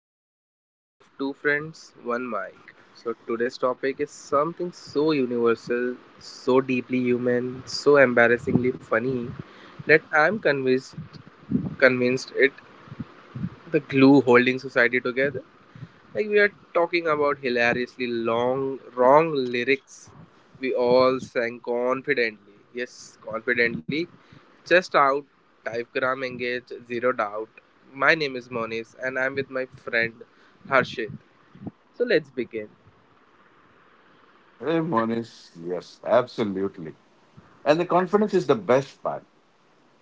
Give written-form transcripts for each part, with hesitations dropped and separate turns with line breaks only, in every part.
to another episode of Two Friends, One Mic. So, today's topic is something so universal, so deeply human, so embarrassingly funny that I'm convinced convinced it the glue holding society together. Like we are talking about hilariously long wrong lyrics we all sang confidently. Yes, confidently. Chest out, typegram engaged, zero doubt. My name is Moniz and I'm with my friend Harshit. So let's begin.
Hey, Monish, yes, absolutely. And the confidence is the best part.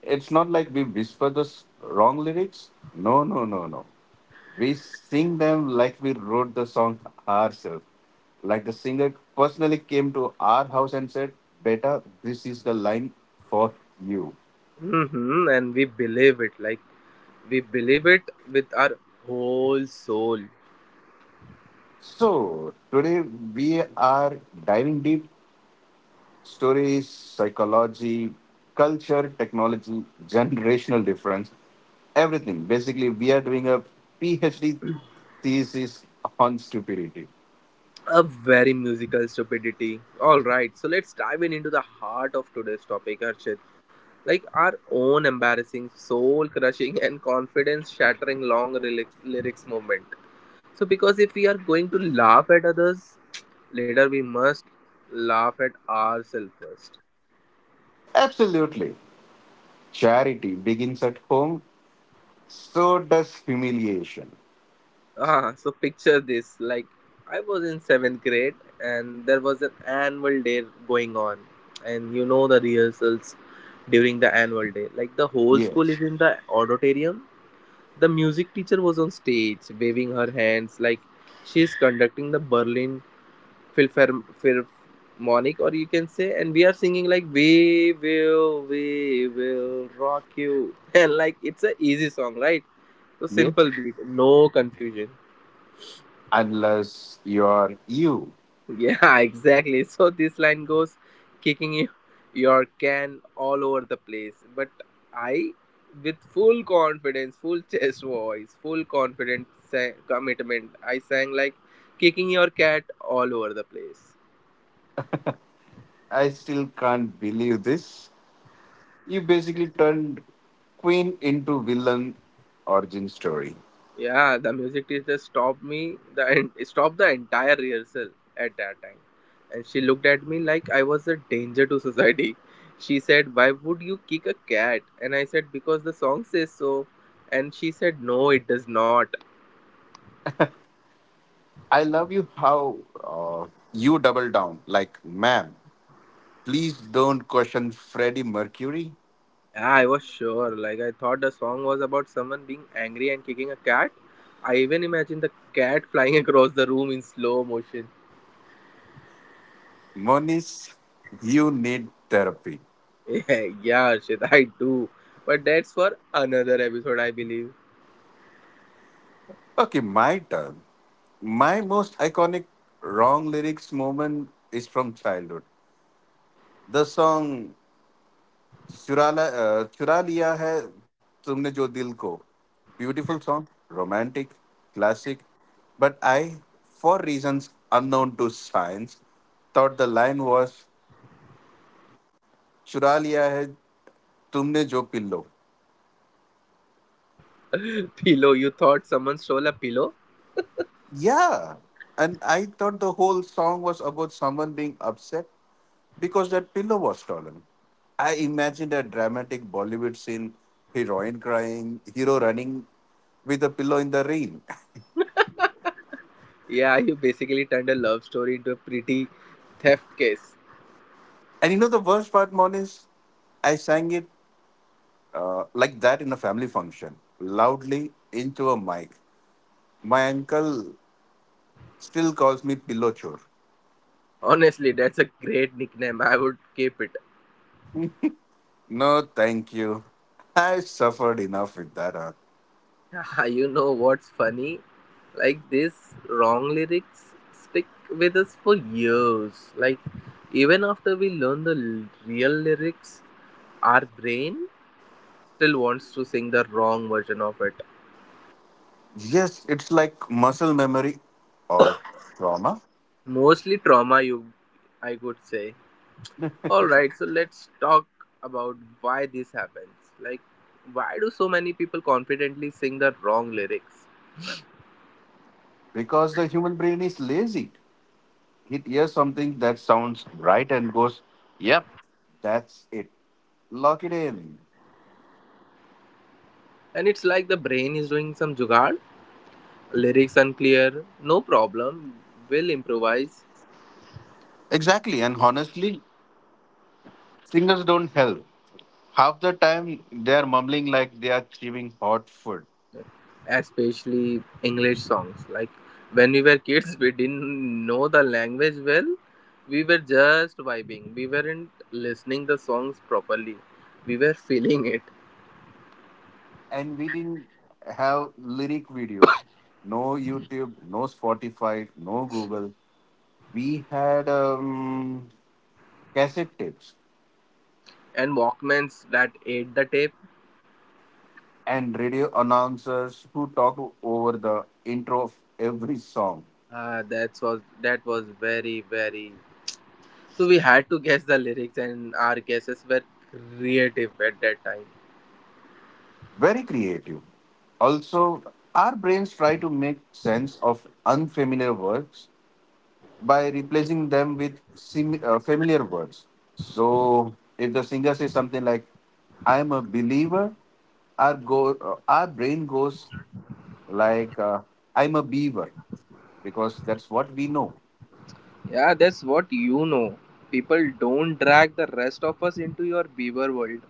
It's not like we whisper the s- wrong lyrics. No, no, no, no. We sing them like we wrote the song ourselves. Like the singer personally came to our house and said, Beta, this is the line for you.
And we believe it, like we believe it with our whole soul.
So, today we are diving deep. Stories, psychology, culture, technology, generational difference, everything. Basically, we are doing a PhD thesis on stupidity.
A very musical stupidity. Alright, so let's dive in into the heart of today's topic, Harshit. Like our own embarrassing, soul crushing, and confidence shattering long lyrics moment. So, because if we are going to laugh at others, later we must laugh at ourselves first.
Absolutely. Charity begins at home, so does humiliation.
So picture this, like I was in 7th grade and there was an annual day going on, and you know, the rehearsals during the annual day, like the whole school is
Yes,
in the auditorium. The music teacher was on stage waving her hands like she is conducting the Berlin Philharmonic, or you can say, and we are singing like we will rock you." And like it's a easy song, right? So
yes.
simple beat, no confusion.
Unless you're you.
Yeah, exactly. So this line goes kicking you, your can all over the place. But I, with full confidence, full chest voice, full confidence, commitment, I sang like kicking your cat all over the place.
I still can't believe this. You basically turned Queen into villain origin story.
Yeah, the music teacher stopped me, the stopped the entire rehearsal at that time. And she looked at me like I was a danger to society. She said, "Why would you kick a cat?" And I said, "Because the song says so." And she said, "No, it does not."
I love you how uh, you double down. Like, ma'am, please don't question Freddie Mercury.
Yeah, I was sure. Like, I thought the song was about someone being angry and kicking a cat. I even imagined the cat flying across the room in slow motion.
Moniz, you need therapy.
Yeah, yeah, shit, I do. But that's for another episode, I believe.
Okay, my turn. My most iconic wrong lyrics moment is from childhood. The song Churala, Chura Liya Hai Tumne Jo Dil Ko. Beautiful song, romantic, classic. But I, for reasons unknown to science, thought the line was चुरा लिया है तुमने जो pillow.
Pillow, you thought someone stole a pillow?
Yeah, and I thought the whole song was about someone being upset because that pillow was stolen. I imagined a dramatic Bollywood scene, heroine crying, hero running with a pillow in the rain.
Yeah, you basically turned a love story into a pretty theft case.
And you know the worst part, Monis? I sang it like that in a family function, loudly, into a mic. My uncle still calls me pillow chore.
Honestly, that's a great nickname. I would keep it.
No, thank you. I've suffered enough with that. Huh?
You know what's funny? Like these wrong lyrics stick with us for years. Like even after we learn the real lyrics, our brain still wants to sing the wrong version of it.
Yes, it's like muscle memory or trauma.
Mostly trauma, you I would say. All right, so let's talk about why this happens. Like, why do so many people confidently sing the wrong lyrics?
Because the human brain is lazy. It hears something that sounds right and goes, yep, that's it. Lock it in.
And it's like the brain is doing some jugaad. Lyrics unclear, no problem, we'll improvise.
Exactly. And honestly, singers don't help. Half the time, they are mumbling like they are chewing hot food.
Especially English songs. Like, when we were kids, we didn't know the language well. We were just vibing. We weren't listening the songs properly. We were feeling it.
And we didn't have lyric videos. No YouTube, no Spotify, no Google. We had cassette tapes
And Walkmans that ate the tape.
and radio announcers who talk over the intro of every song.
Ah, that was very very. So we had to guess the lyrics, and our guesses were creative at that time.
Very creative. Also, our brains try to make sense of unfamiliar words by replacing them with familiar words. So, if the singer says something like, I am a believer, our, go- our brain goes like, I'm a beaver, because that's what we know.
Yeah, that's what you know. People don't drag the rest of us into your beaver world.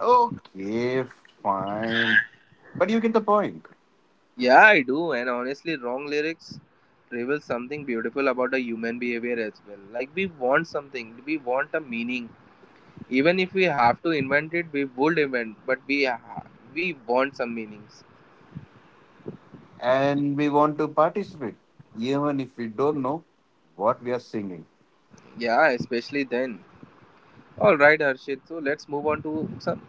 Okay, fine. But you get the point.
Yeah, I do, and honestly, wrong lyrics reveal something beautiful about a human behavior as well. Like we want something, we want a meaning. Even if we have to invent it, we would invent, but we want some meanings.
And we want to participate, even if we don't know what we are singing.
Yeah, especially then. All right, Harshit. So let's move on to some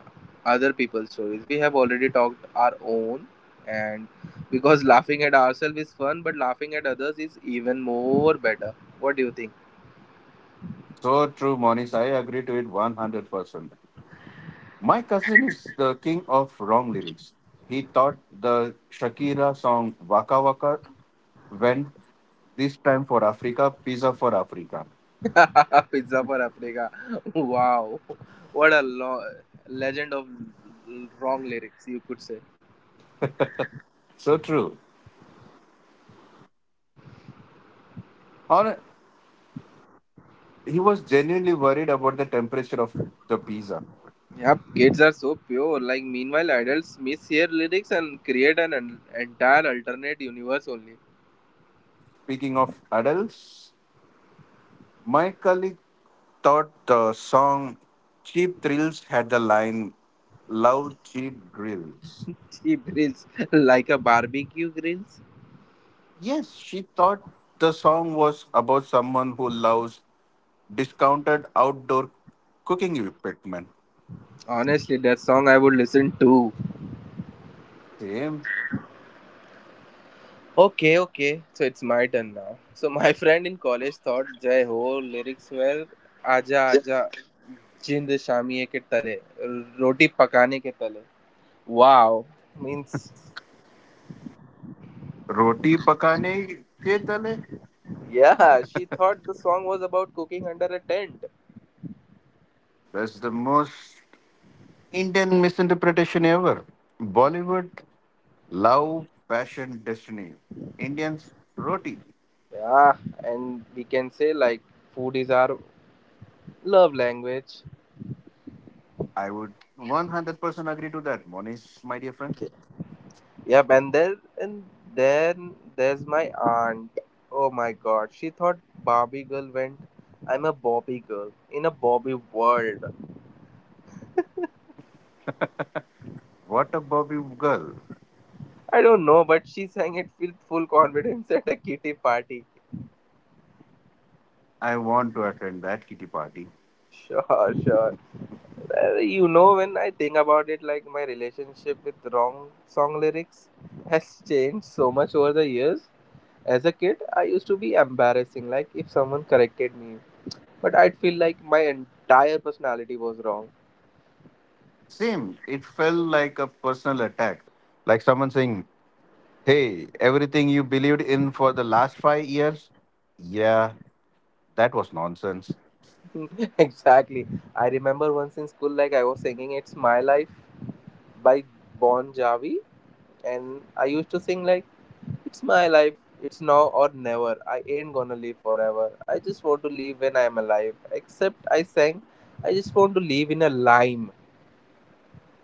other people's stories. We have already talked our own, and because laughing at ourselves is fun, but laughing at others is even more better. What do you think?
So true, Monish. I agree to it 100%. My cousin is the king of wrong lyrics. He taught the Shakira song Waka Waka went this time for Africa, pizza for Africa.
Pizza for Africa. Wow. What a legend of wrong lyrics, you could say.
So true. Or he was genuinely worried about the temperature of the pizza.
Yep, kids are so pure. Like, meanwhile, adults mishear lyrics and create an entire alternate universe only.
Speaking of adults, my colleague thought the song Cheap Thrills had the line Love Cheap Grills.
Cheap grills, like a barbecue grills.
Yes, she thought the song was about someone who loves discounted outdoor cooking equipment.
Honestly, that song I would listen to.
Same.
Okay, okay. So it's my turn now. So my friend in college thought Jai Ho lyrics were "Aja Aja Jind Shamiye ke tale, Roti pakane ke tale." Wow, means
Roti pakane ke tale.
yeah she thought the song was about cooking under a tent.
That's the most Indian misinterpretation ever. Bollywood, love, passion, destiny. Indians, roti.
Yeah, and we can say like food is our love language.
I would 100% agree to that, Monish, my dear friend.
Yep, and then there's my aunt. Oh my god, she thought Barbie girl went, "I'm a Bobby girl in a Bobby world."
What a Bobby girl.
I don't know, but she sang it with full confidence at a kitty party.
I want to attend that kitty party.
Sure, sure. Well, you know, when I think about it, like my relationship with wrong song lyrics has changed so much over the years. As a kid, I used to be embarrassing, like if someone corrected me, but I'd feel like my entire personality was wrong.
Same, it felt like a personal attack. Like someone saying, hey, everything you believed in for the last 5 years? Yeah, that was nonsense.
Exactly. I remember once in school, like I was singing "It's My Life" by Bon Jovi, and I used to sing like, "It's my life, it's now or never. I ain't gonna live forever. I just want to live when I'm alive." Except I sang, "I just want to live in a lime."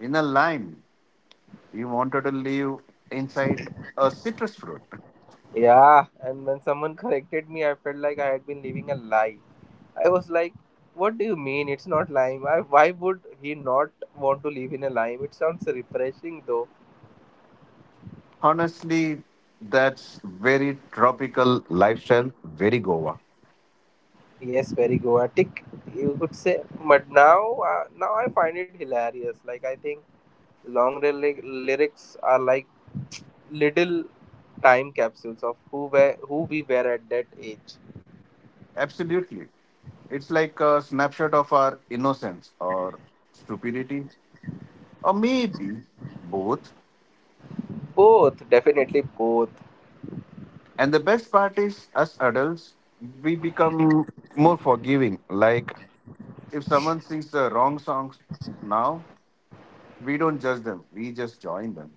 In a line, you wanted to live inside a citrus fruit.
Yeah, and when someone corrected me, I felt like I had been living a lie. I was like, "What do you mean? It's not lime. I, why would he not want to live in a lime? It sounds refreshing, though."
Honestly, that's very tropical lifestyle, very Goa.
Yes, very Goatic, you could say. But now, now I find it hilarious. Like I think long lyrics are like little time capsules of who we were at that age.
Absolutely. It's like a snapshot of our innocence or stupidity, or maybe both.
Both, definitely both.
And the best part is, as adults, we become more forgiving. Like, if someone sings the wrong songs now, we don't judge them, we just join them.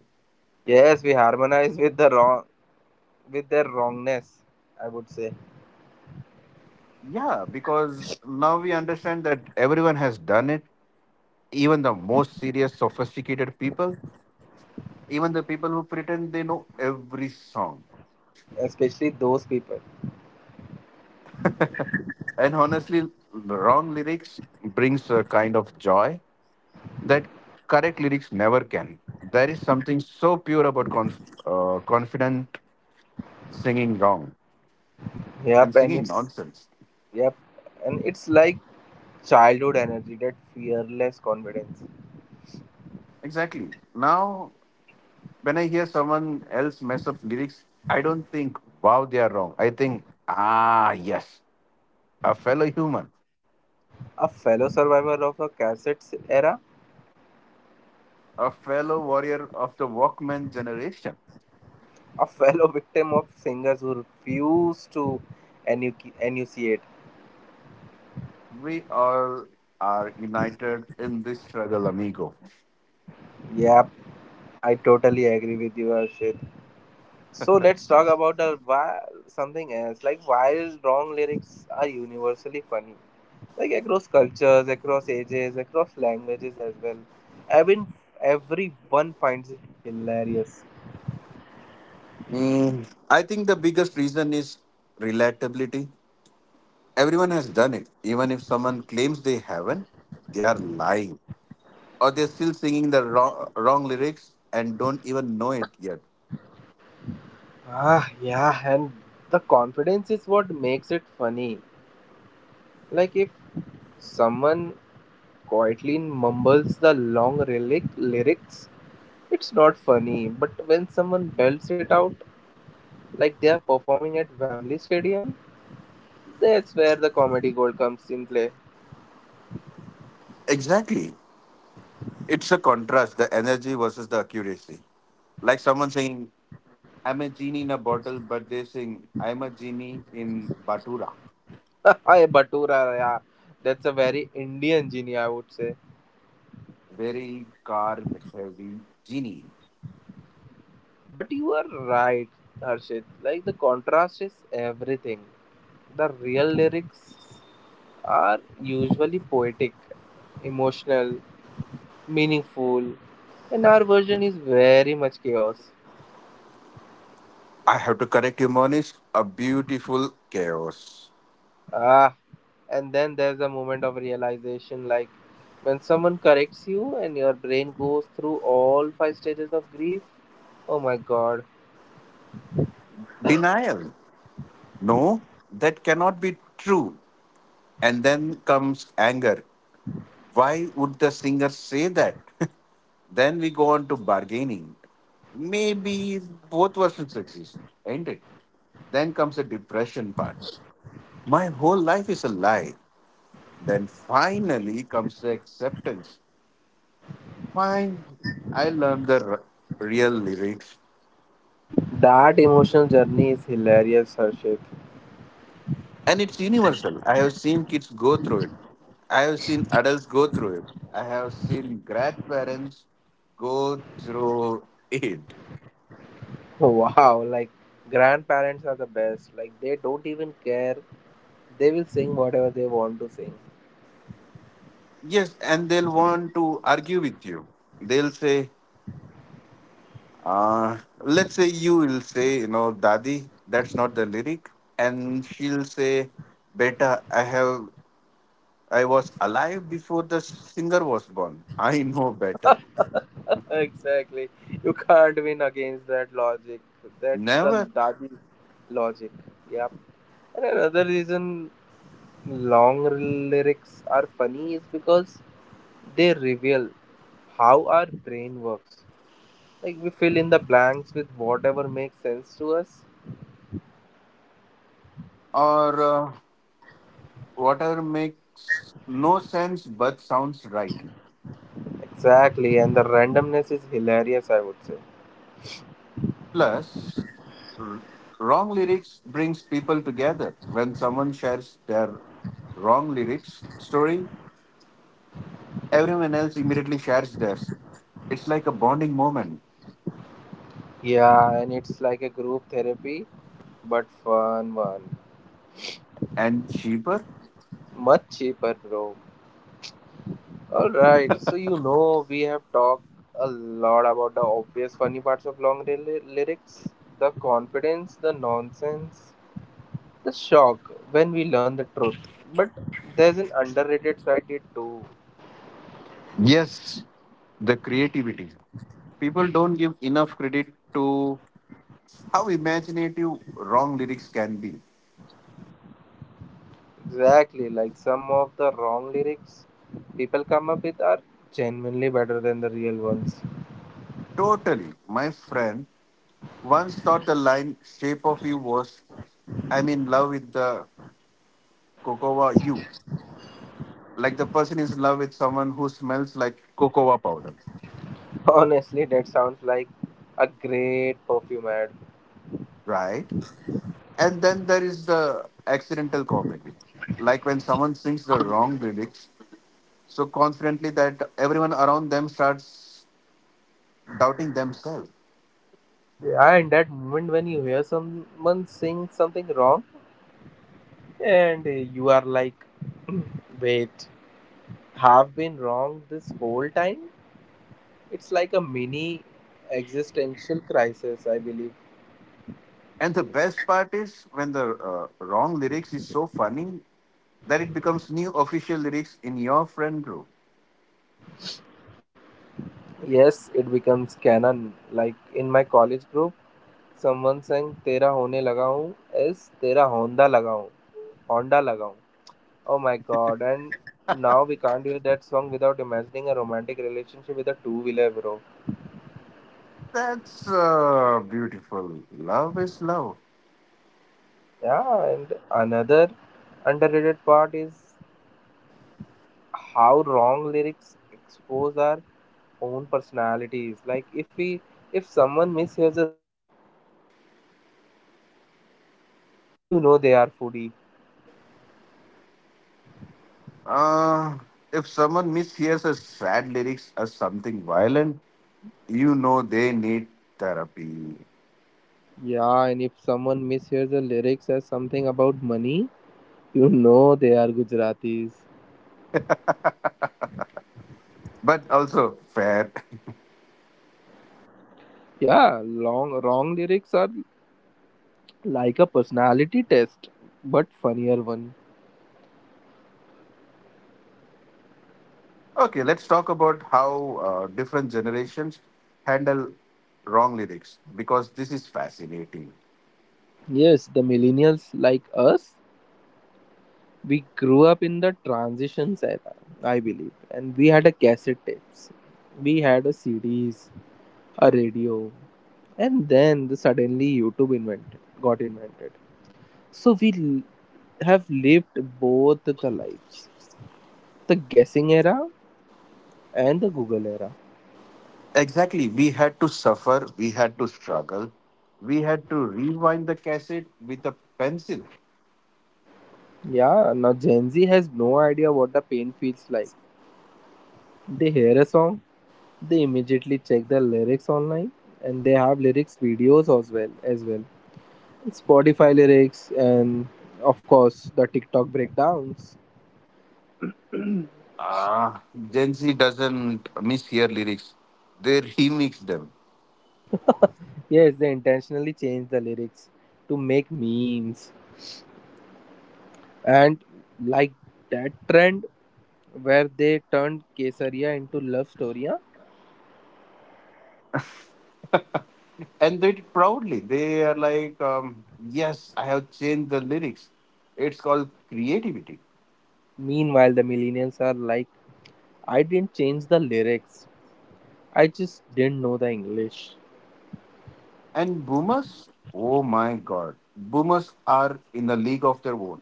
Yes, we harmonize with the wrong with their wrongness. I would say,
Yeah, because now we understand that everyone has done it, even the most serious, sophisticated people, even the people who pretend they know every song.
especially those people.
And honestly, wrong lyrics brings a kind of joy that correct lyrics never can. There is something so pure about confident singing wrong and
Yep, and
singing
it's
nonsense.
yep, and it's like childhood energy, that fearless confidence.
Exactly. Now, when I hear someone else mess up lyrics, I don't think, wow, they are wrong. I think, ah, yes, a fellow human,
A fellow survivor of a cassettes era,
a fellow warrior of the Walkman generation.
a fellow victim of singers who refuse to enu enunciate.
We all are united in this struggle, amigo.
Yeah, I totally agree with you, Arshit. So let's talk about the why, something else. Like while wrong lyrics are universally funny, like across cultures, across ages, across languages as well. I mean, everyone finds it hilarious.
Mm, I think the biggest reason is relatability. Everyone has done it. Even if someone claims they haven't, they are lying. Or they're still singing the wrong lyrics and don't even know it yet.
Ah, yeah, and the confidence is what makes it funny. Like if someone quietly mumbles the long relic lyrics. It's not funny, but when someone belts it out like they are performing at Wembley Stadium, that's where the comedy gold comes in play.
Exactly. It's a contrast, the energy versus the accuracy. Like someone saying, I'm a genie in a bottle, but they sing, I'm a genie in Batura.
Hey, Batura, yeah. That's a very Indian genie, I would say.
Very carb heavy genie.
But you are right, Harshit. Like, the contrast is everything. The real lyrics are usually poetic, emotional, meaningful, and our version is very much chaos.
I have to correct you, Monish. A beautiful chaos.
Ah, and then there's a moment of realization like when someone corrects you and your brain goes through all five stages of grief. Oh my god,
Denial. No, that cannot be true. And then comes anger. Why would the singer say that? Then we go on to bargaining. Maybe both versions exist, ain't it? Then comes the depression part. My whole life is a lie. Then finally comes the acceptance. Fine, I learned the real lyrics.
that emotional journey is hilarious, Harshit.
And it's universal. I have seen kids go through it. I have seen adults go through it. I have seen grandparents go through it.
Wow, like grandparents are the best, like they don't even care, they will sing whatever they want to sing.
Yes, and they'll want to argue with you. They'll say, let's say you will say, you know, Dadi, that's not the lyric. And she'll say, Beta, I was alive before the singer was born. I know better.
Exactly, you can't win against that logic. That's the
Never.
daddy's logic. Yep, and another reason long lyrics are funny is because they reveal how our brain works. Like we fill in the blanks with whatever makes sense to us.
Or whatever makes no sense but sounds right.
Exactly, and the randomness is hilarious, I would say.
Plus, wrong lyrics brings people together. When someone shares their wrong lyrics story, everyone else immediately shares theirs. It's like a bonding moment.
Yeah, and it's like a group therapy, but fun one.
And cheaper?
Much cheaper, bro. Alright, so you know we have talked a lot about the obvious funny parts of long lyrics, the confidence, the nonsense, the shock when we learn the truth. But there's an underrated side to it too.
Yes, the creativity. People don't give enough credit to how imaginative wrong lyrics can be.
Exactly, like some of the wrong lyrics people come up with are genuinely better than the real ones.
Totally. My friend once thought the line shape of you was I'm in love with the cocoa you. Like the person is in love with someone who smells like cocoa powder,
Honestly, that sounds like a great perfume ad.
right? And then there is the accidental comedy, like when someone sings the wrong lyrics so confidently that everyone around them starts doubting themselves.
Yeah, and that moment when you hear someone sing something wrong and you are like, "Hmm, wait, have been wrong this whole time? It's like a mini existential crisis, I believe."
And the best part is when the wrong lyrics is so funny that it becomes new official lyrics in your friend group.
Yes, it becomes canon. Like in my college group, someone sang "तेरा होने लगा हूँ" is "तेरा Honda लगा हूँ," Honda लगा हूँ. Oh my God! And now we can't hear that song without imagining a romantic relationship with a two-wheeler, bro.
That's beautiful. Love is love.
Yeah, and another underrated part is how wrong lyrics expose our own personalities. Like if we, if someone mishears a romantic lyrics as something about food, you know they are foodie.
Uh, if someone mishears a sad lyrics as something violent, you know they need therapy.
Yeah, and if someone mishears the lyrics as something about money, you know they are Gujaratis.
But also fair.
Yeah, long wrong lyrics are like a personality test, but funnier one.
Okay, let's talk about how different generations handle wrong lyrics because this is fascinating.
Yes, the millennials like us, we grew up in the transitions era, I believe, and we had a cassette tapes, we had a CDs, a radio, and then the suddenly YouTube invented, got invented. So have lived both the lives, the guessing era and the Google era.
Exactly. We had to suffer, we had to struggle, we had to rewind the cassette with a pencil.
Yeah, now Gen Z has no idea what the pain feels like. They hear a song, they immediately check the lyrics online, and they have lyrics videos as well as well. Spotify lyrics and of course the TikTok breakdowns.
Ah, Gen Z doesn't mishear lyrics. They remix them.
Yes, they intentionally change the lyrics to make memes and like that trend where they turned Kesaria into love story. Huh?
And they do proudly. They are like, yes, I have changed the lyrics. It's called creativity.
Meanwhile, the millennials are like, I didn't change the lyrics. I just didn't know the English.
And boomers, oh my God. Boomers are in a league of their own.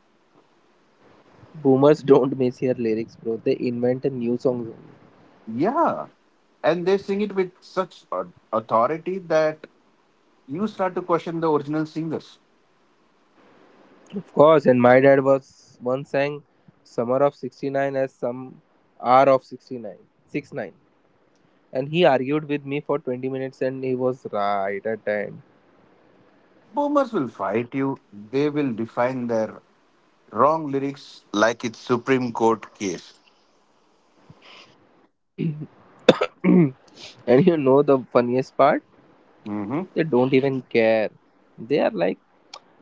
Boomers don't miss their lyrics, bro. They invent a new songs only.
Yeah. And they sing it with authority that you start to question the original singers.
Of course, and my dad was once sang Summer of 69 as some R of 69. 69. And he argued with me for 20 minutes and he was right at the
Boomers will fight you. They will define their wrong lyrics like it's Supreme Court case.
end. And you know the funniest part?
Hmm.
They don't even care. They are like,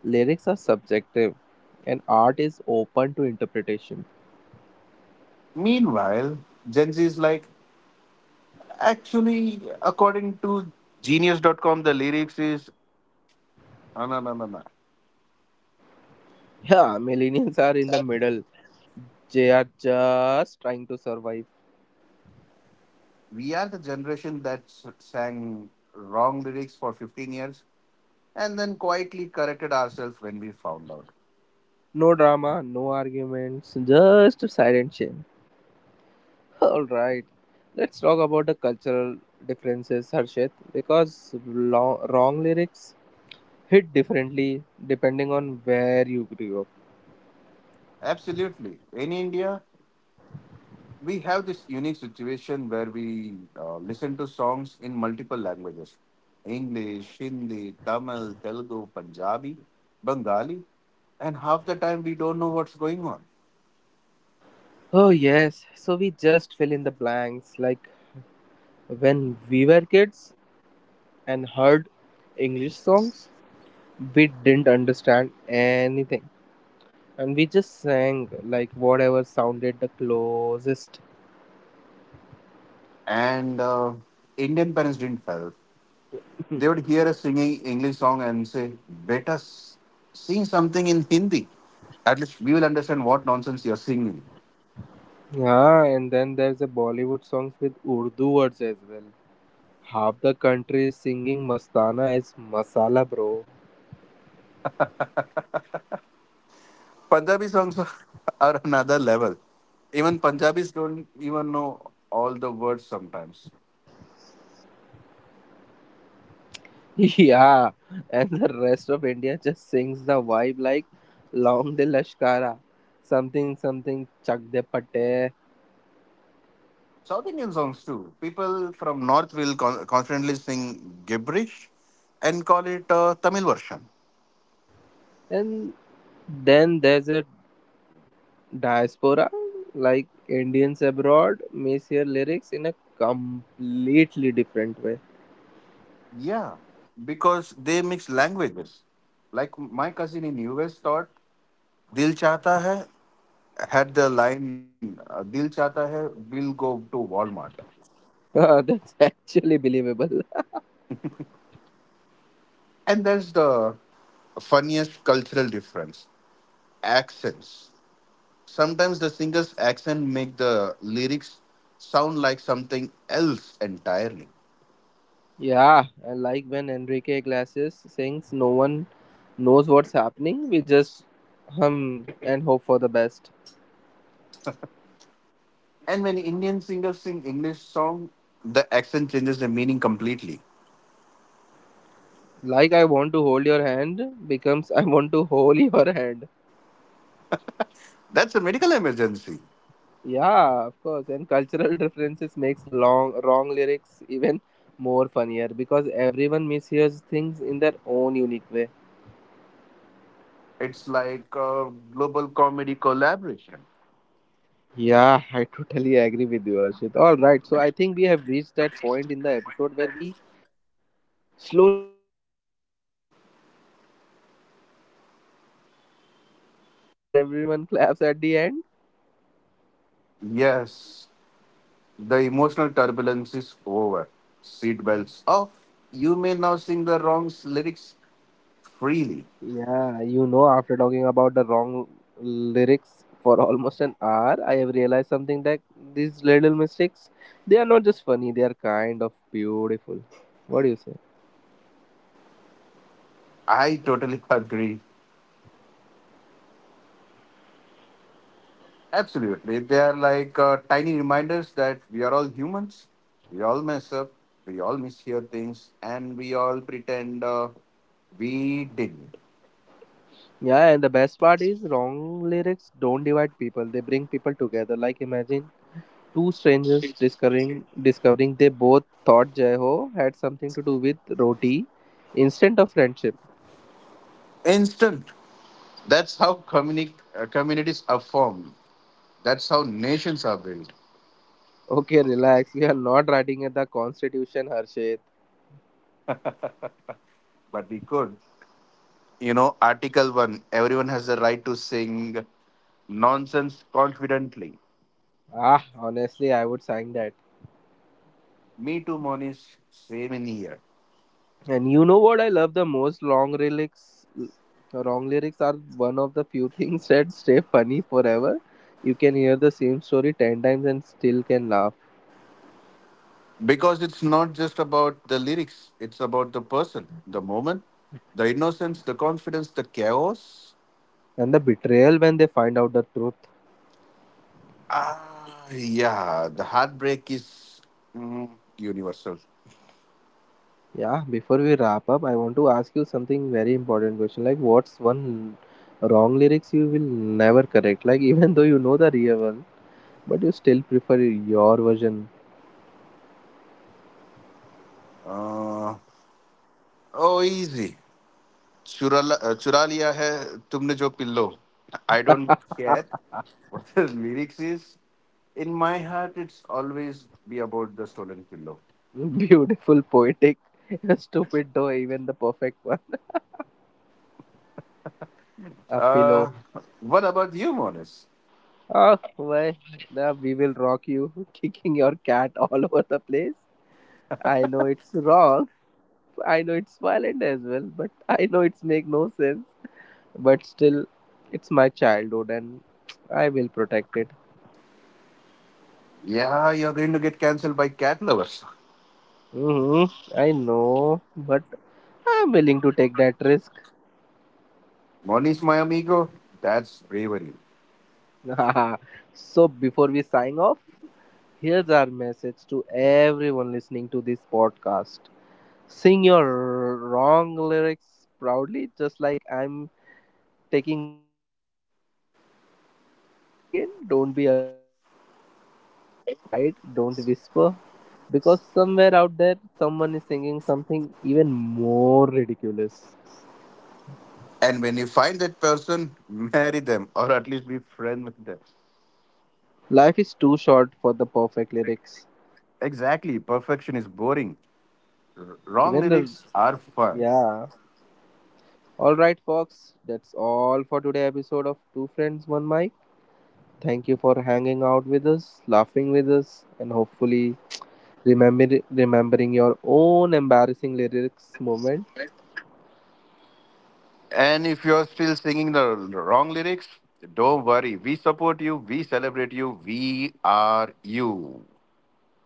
lyrics are subjective and art is open to interpretation.
Meanwhile, Gen Z is like, actually, according to Genius.com, the lyrics is, no, no, no, no, no.
Yeah, millennials are in the middle. They are just trying to survive.
We are the generation that sang wrong lyrics for 15 years and then quietly corrected ourselves when we found out.
No drama, no arguments, just silent shame. Alright, let's talk about the cultural differences, Harshit, because long, wrong lyrics hit differently depending on where you grew up.
Absolutely. In India, we have this unique situation where we listen to songs in multiple languages, English, Hindi, Tamil, Telugu, Punjabi, Bengali, and half the time we don't know what's going on.
Oh, yes, so we just fill in the blanks like when we were kids and heard English songs, we didn't understand anything and we just sang like whatever sounded the closest.
And Indian parents didn't help. They would hear us singing English song and say, Beta, sing something in Hindi. At least we will understand what nonsense you're singing.
Yeah, and then there's a Bollywood songs with Urdu words as well. Half the country is singing Mastana as Masala, bro.
Punjabi songs are another level. Even Punjabis don't even know all the words sometimes.
Yeah, and the rest of India just sings the vibe like Long De Lashkara, something something Chak De Pate.
South Indian songs too. People from North will confidently sing gibberish and call it Tamil version.
And then there's a diaspora, like Indians abroad, may hear lyrics in a completely different way.
Yeah, because they mix languages. Like my cousin in US thought, "Dil chata hai" had the line, "Dil chata hai, we'll go to Walmart,"
That's actually believable.
and there's the funniest cultural difference. Accents. Sometimes the singer's accent make the lyrics sound like something else entirely.
Yeah, I like when Enrique Glasses sings, no one knows what's happening. We just hum and hope for the best.
And when Indian singers sing English song, the accent changes the meaning completely.
Like I want to hold your hand becomes I want to hold your hand.
That's a medical emergency.
Yeah, of course. And cultural differences makes long wrong lyrics even more funnier because everyone mishears things in their own unique way.
It's like a global comedy collaboration.
Yeah, I totally agree with you, Ashit. All right, so I think we have reached that point in the episode where we slowly start landing the plane, not like a smooth pilot landing, more like an indigo flight where everyone claps at the end.
Yes, the emotional turbulence is over. Seatbelts off. You may now sing the wrong lyrics freely.
Yeah, you know, after talking about the wrong lyrics for almost an hour, I have realized something that these little mistakes, they are not just funny, they are kind of beautiful. What do you say?
I totally agree. Absolutely. They are like tiny reminders that we are all humans. We all mess up. We all mishear things. And we all pretend we didn't.
Yeah, and the best part is wrong lyrics don't divide people, they bring people together. Like, imagine two strangers discovering they both thought "Jai ho," had something to do with roti. Instant of friendship.
Instant. That's how communities are formed. That's how nations are built.
Okay, relax. We are not writing at the Constitution, Harshit.
But we could, you know, Article 1, everyone has the right to sing nonsense confidently.
Ah, honestly, I would sign that.
Me too, Monish, same in here.
And you know what I love the most? Long lyrics. Wrong lyrics are one of the few things that stay funny forever. You can hear the same story 10 times and still can laugh.
Because it's not just about the lyrics, it's about the person.
And the betrayal when they find out the truth. Yeah, before we wrap up, I want to ask you something very important question. Like, what's one wrong lyrics you will never correct? Like, even though you know the real one, but you still prefer your version. Beautiful, poetic, stupid though, even the perfect one. A pillow. Oh, why? The we will rock you, kicking your cat all over the place. I know it's wrong. I know it's violent as well, but I know it's make no sense. But still, it's my childhood and I will protect it. Hmm. I know, but I'm willing to take that risk. So, before we sign off, here's our message to everyone listening to this podcast, sing your wrong lyrics proudly, just like I'm taking wrong, wrong lyrics again and again. Don't be ashamed of it. Don't hide, don't whisper, because somewhere out there, someone is singing something even more ridiculous. Life is too short for the perfect lyrics. Even the. Yeah. Alright, folks, that's all for today episode of Two Friends, One Mic. Thank you for hanging out with us, laughing with us, and hopefully remembering your own embarrassing lyrics moment.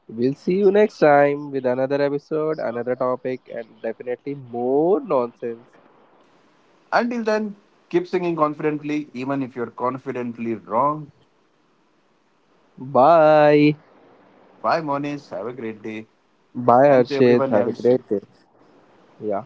We'll see you next time with another episode, another topic, and definitely more nonsense. Bye. Bye, Harshit. Have a great day. Yeah.